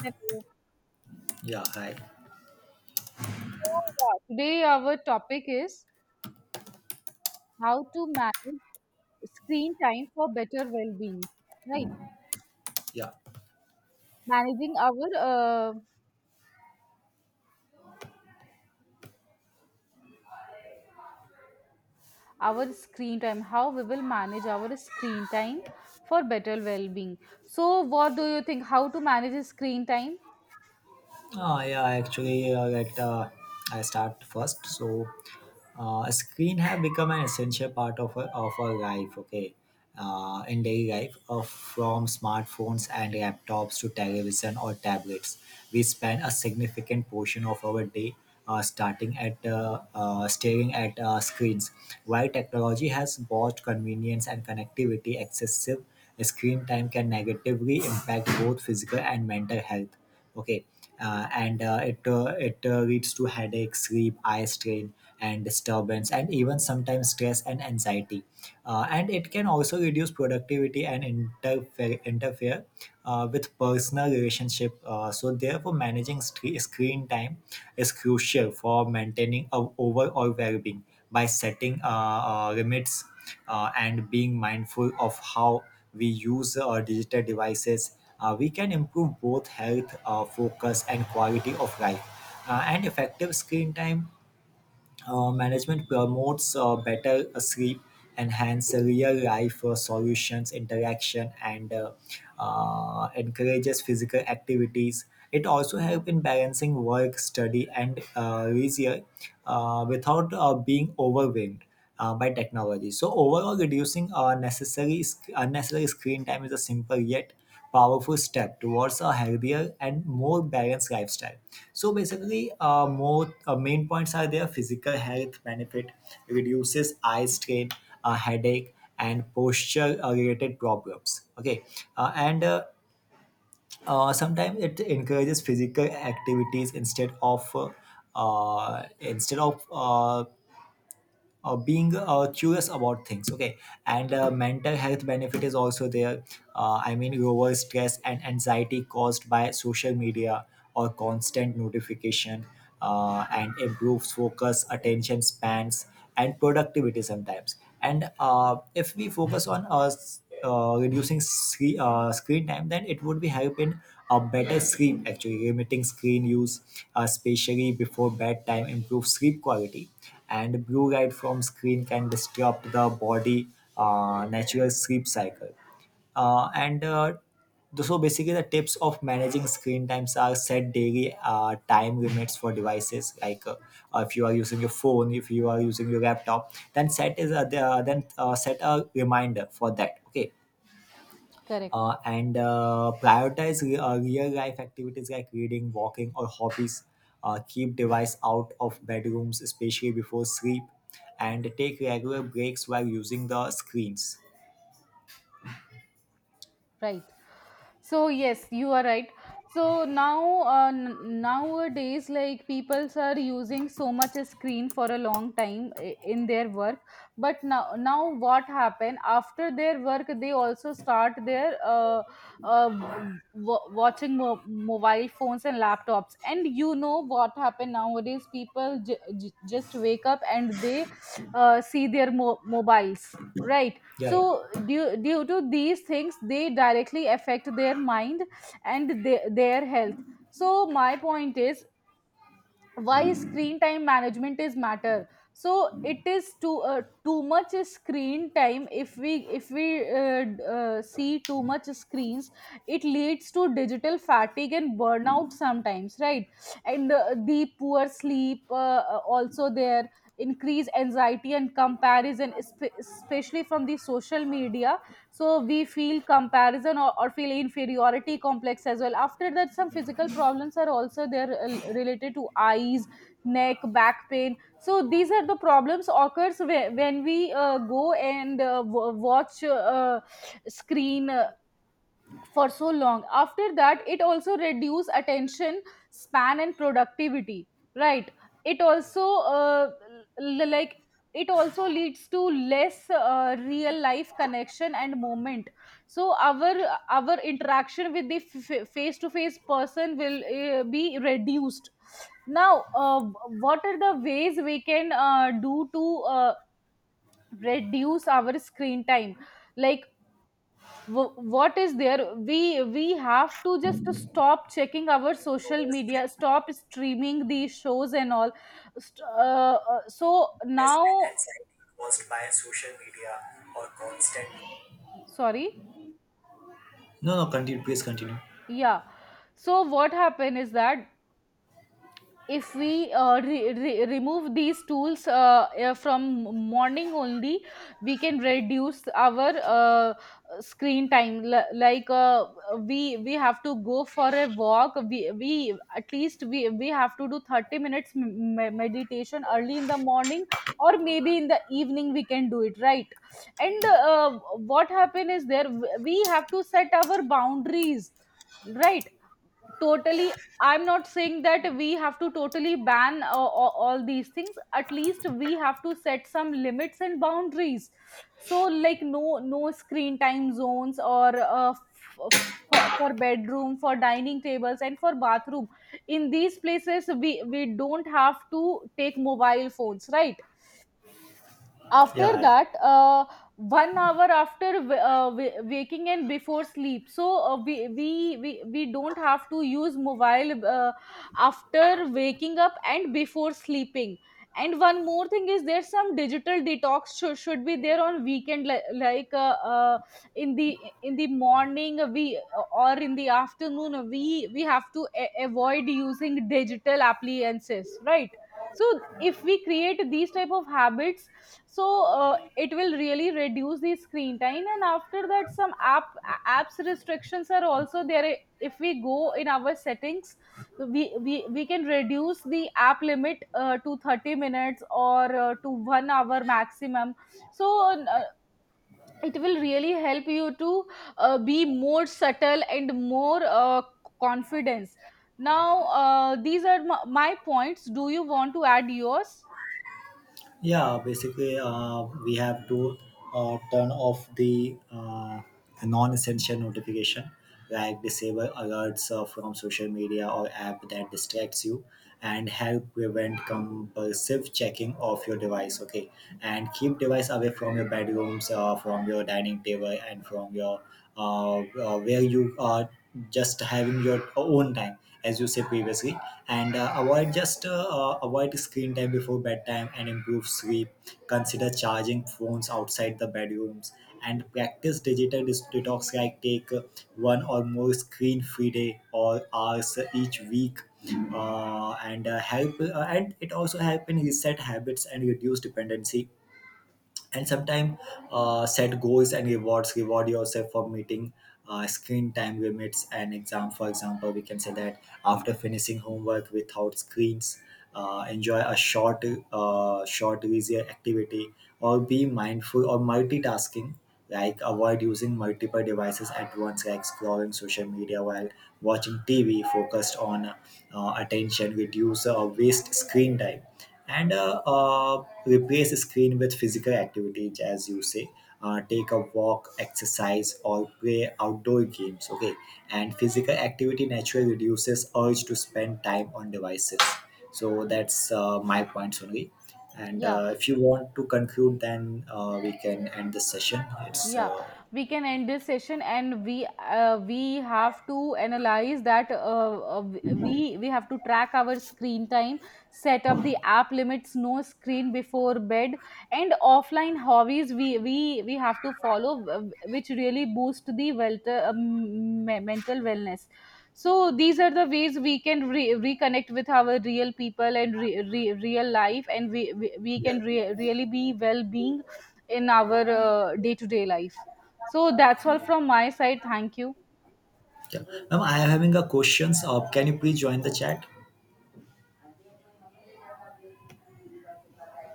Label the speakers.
Speaker 1: Hello.
Speaker 2: Yeah, hi.
Speaker 1: Yeah, today our topic is how to manage screen time for better well-being, right?
Speaker 2: Yeah.
Speaker 1: Managing our our screen time, how we will manage our screen time for better well-being. So, what do you think? How to manage screen time?
Speaker 2: Actually, I start first. So, screen have become an essential part of our life. Okay, in daily life, from smartphones and laptops to television or tablets, we spend a significant portion of our day starting at staring at screens. While technology has brought convenience and connectivity, excessive screen time can negatively impact both physical and mental health. Okay. Uh, and uh, it uh, it uh, leads to headaches, sleep, eye strain, and disturbance, and even sometimes stress and anxiety. And it can also reduce productivity and interfere with personal relationship. So therefore, managing screen time is crucial for maintaining our overall well-being by setting limits and being mindful of how we use our digital devices, we can improve both health, focus, and quality of life. And effective screen time management promotes better sleep, enhance real life solutions, interaction, and encourages physical activities. It also helps in balancing work, study, and leisure without being overwhelmed by technology. So overall, reducing necessary unnecessary screen time is a simple yet powerful step towards a healthier and more balanced lifestyle. So basically, more main points are there: physical health benefit, reduces eye strain, headache, and posture-related problems. Okay, and sometimes it encourages physical activities instead of being curious about things. Okay, and mental health benefit is also there. I mean, lower stress and anxiety caused by social media or constant notification, and improves focus attention spans and productivity sometimes. And if we focus on us reducing screen, screen time, then it would be help in a better sleep. Actually, limiting screen use, especially before bedtime, improves sleep quality, and blue light from screen can disrupt the body natural sleep cycle. uh, and uh, so basically, the tips of managing screen times are: set daily time limits for devices, like if you are using your phone, if you are using your laptop, then set a reminder for that. Okay,
Speaker 1: Correct.
Speaker 2: and prioritize real life activities like reading, walking, or hobbies. Keep device out of bedrooms, especially before sleep, and take regular breaks while using the screens.
Speaker 1: Right, so yes, you are right. So now nowadays, like, peoples are using so much a screen for a long time in their work. But now what happen after their work, they also start their watching mobile phones and laptops. And you know what happen nowadays, people just wake up and they see their mobiles, right?
Speaker 2: Yeah,
Speaker 1: So
Speaker 2: yeah.
Speaker 1: due to these things, they directly affect their mind and their health. So my point is, why screen time management is matter. So it is too too much screen time. If we see too much screens, it leads to digital fatigue and burnout sometimes, right? And the poor sleep also there, increase anxiety and comparison, especially from the social media. So we feel comparison or feel inferiority complex as well. After that, some physical problems are also there related to eyes, neck, back pain. So these are the problems occurs when we go and watch screen for so long. After that, it also reduce attention span and productivity, right? It also uh, like, it also leads to less real life connection and moment. So our interaction with the face to face person will be reduced. Now what are the ways we can do to uh, reduce our screen time? Like, what is there? We have to just stop checking our social media, stop streaming the shows and all. So now, sorry.
Speaker 2: No, no, continue. Please continue.
Speaker 1: Yeah, so what happened is that if we remove these tools from morning only, we can reduce our uh, screen time. Like, we have to go for a walk. We at least we have to do 30 minutes meditation early in the morning, or maybe in the evening we can do it, right? And what happen is there, we have to set our boundaries, right? Totally, I'm not saying that we have to totally ban all these things. At least we have to set some limits and boundaries. So, like, no no screen time zones, or for bedroom, for dining tables, and for bathroom. In these places, we don't have to take mobile phones, right? After
Speaker 2: Yeah.
Speaker 1: that, 1 hour after waking and before sleep, so we don't have to use mobile after waking up and before sleeping. And one more thing is, there's some digital detox should be there on weekend. Like, in the morning we, or in the afternoon, we have to avoid using digital appliances, right? So, if we create these type of habits, so it will really reduce the screen time. And after that, some app apps restrictions are also there. If we go in our settings, we can reduce the app limit to 30 minutes, or to 1 hour maximum. So it will really help you to be more subtle and more confidence. Now these are my points. Do you want to add yours?
Speaker 2: Yeah, basically, we have to turn off the non-essential notification, like disable alerts from social media or app that distracts you, and help prevent compulsive checking of your device. Okay, and keep device away from your bedrooms, from your dining table, and from your where you are just having your own time, as you said previously. And avoid screen time before bedtime and improve sleep. Consider charging phones outside the bedrooms and practice digital detox, like take one or more screen free day or hours each week. And it also help in reset habits and reduce dependency. And sometimes set goals and rewards. Reward yourself for meeting screen time limits. And exam for example, we can say that after finishing homework without screens, enjoy a short short leisure activity. Or be mindful or multitasking, like avoid using multiple devices at once, like scrolling social media while watching tv. Focused on attention reduce waste screen time. And replace screen with physical activities, as you say, take a walk, exercise, or play outdoor games. Okay, and physical activity naturally reduces urge to spend time on devices. So that's my points only. And
Speaker 1: Yeah,
Speaker 2: if you want to conclude, then we can end the session. It's
Speaker 1: yeah, we can end this session. And we have to analyze that we have to track our screen time, set up the app limits, no screen before bed, and offline hobbies we have to follow, which really boost the wealth, mental wellness. So these are the ways we can reconnect with our real people and real life, and we
Speaker 2: yeah.
Speaker 1: can really be well being in our day to day life. So that's all from my side. Thank you.
Speaker 2: Yeah, now I am having a questions, can you please join the chat?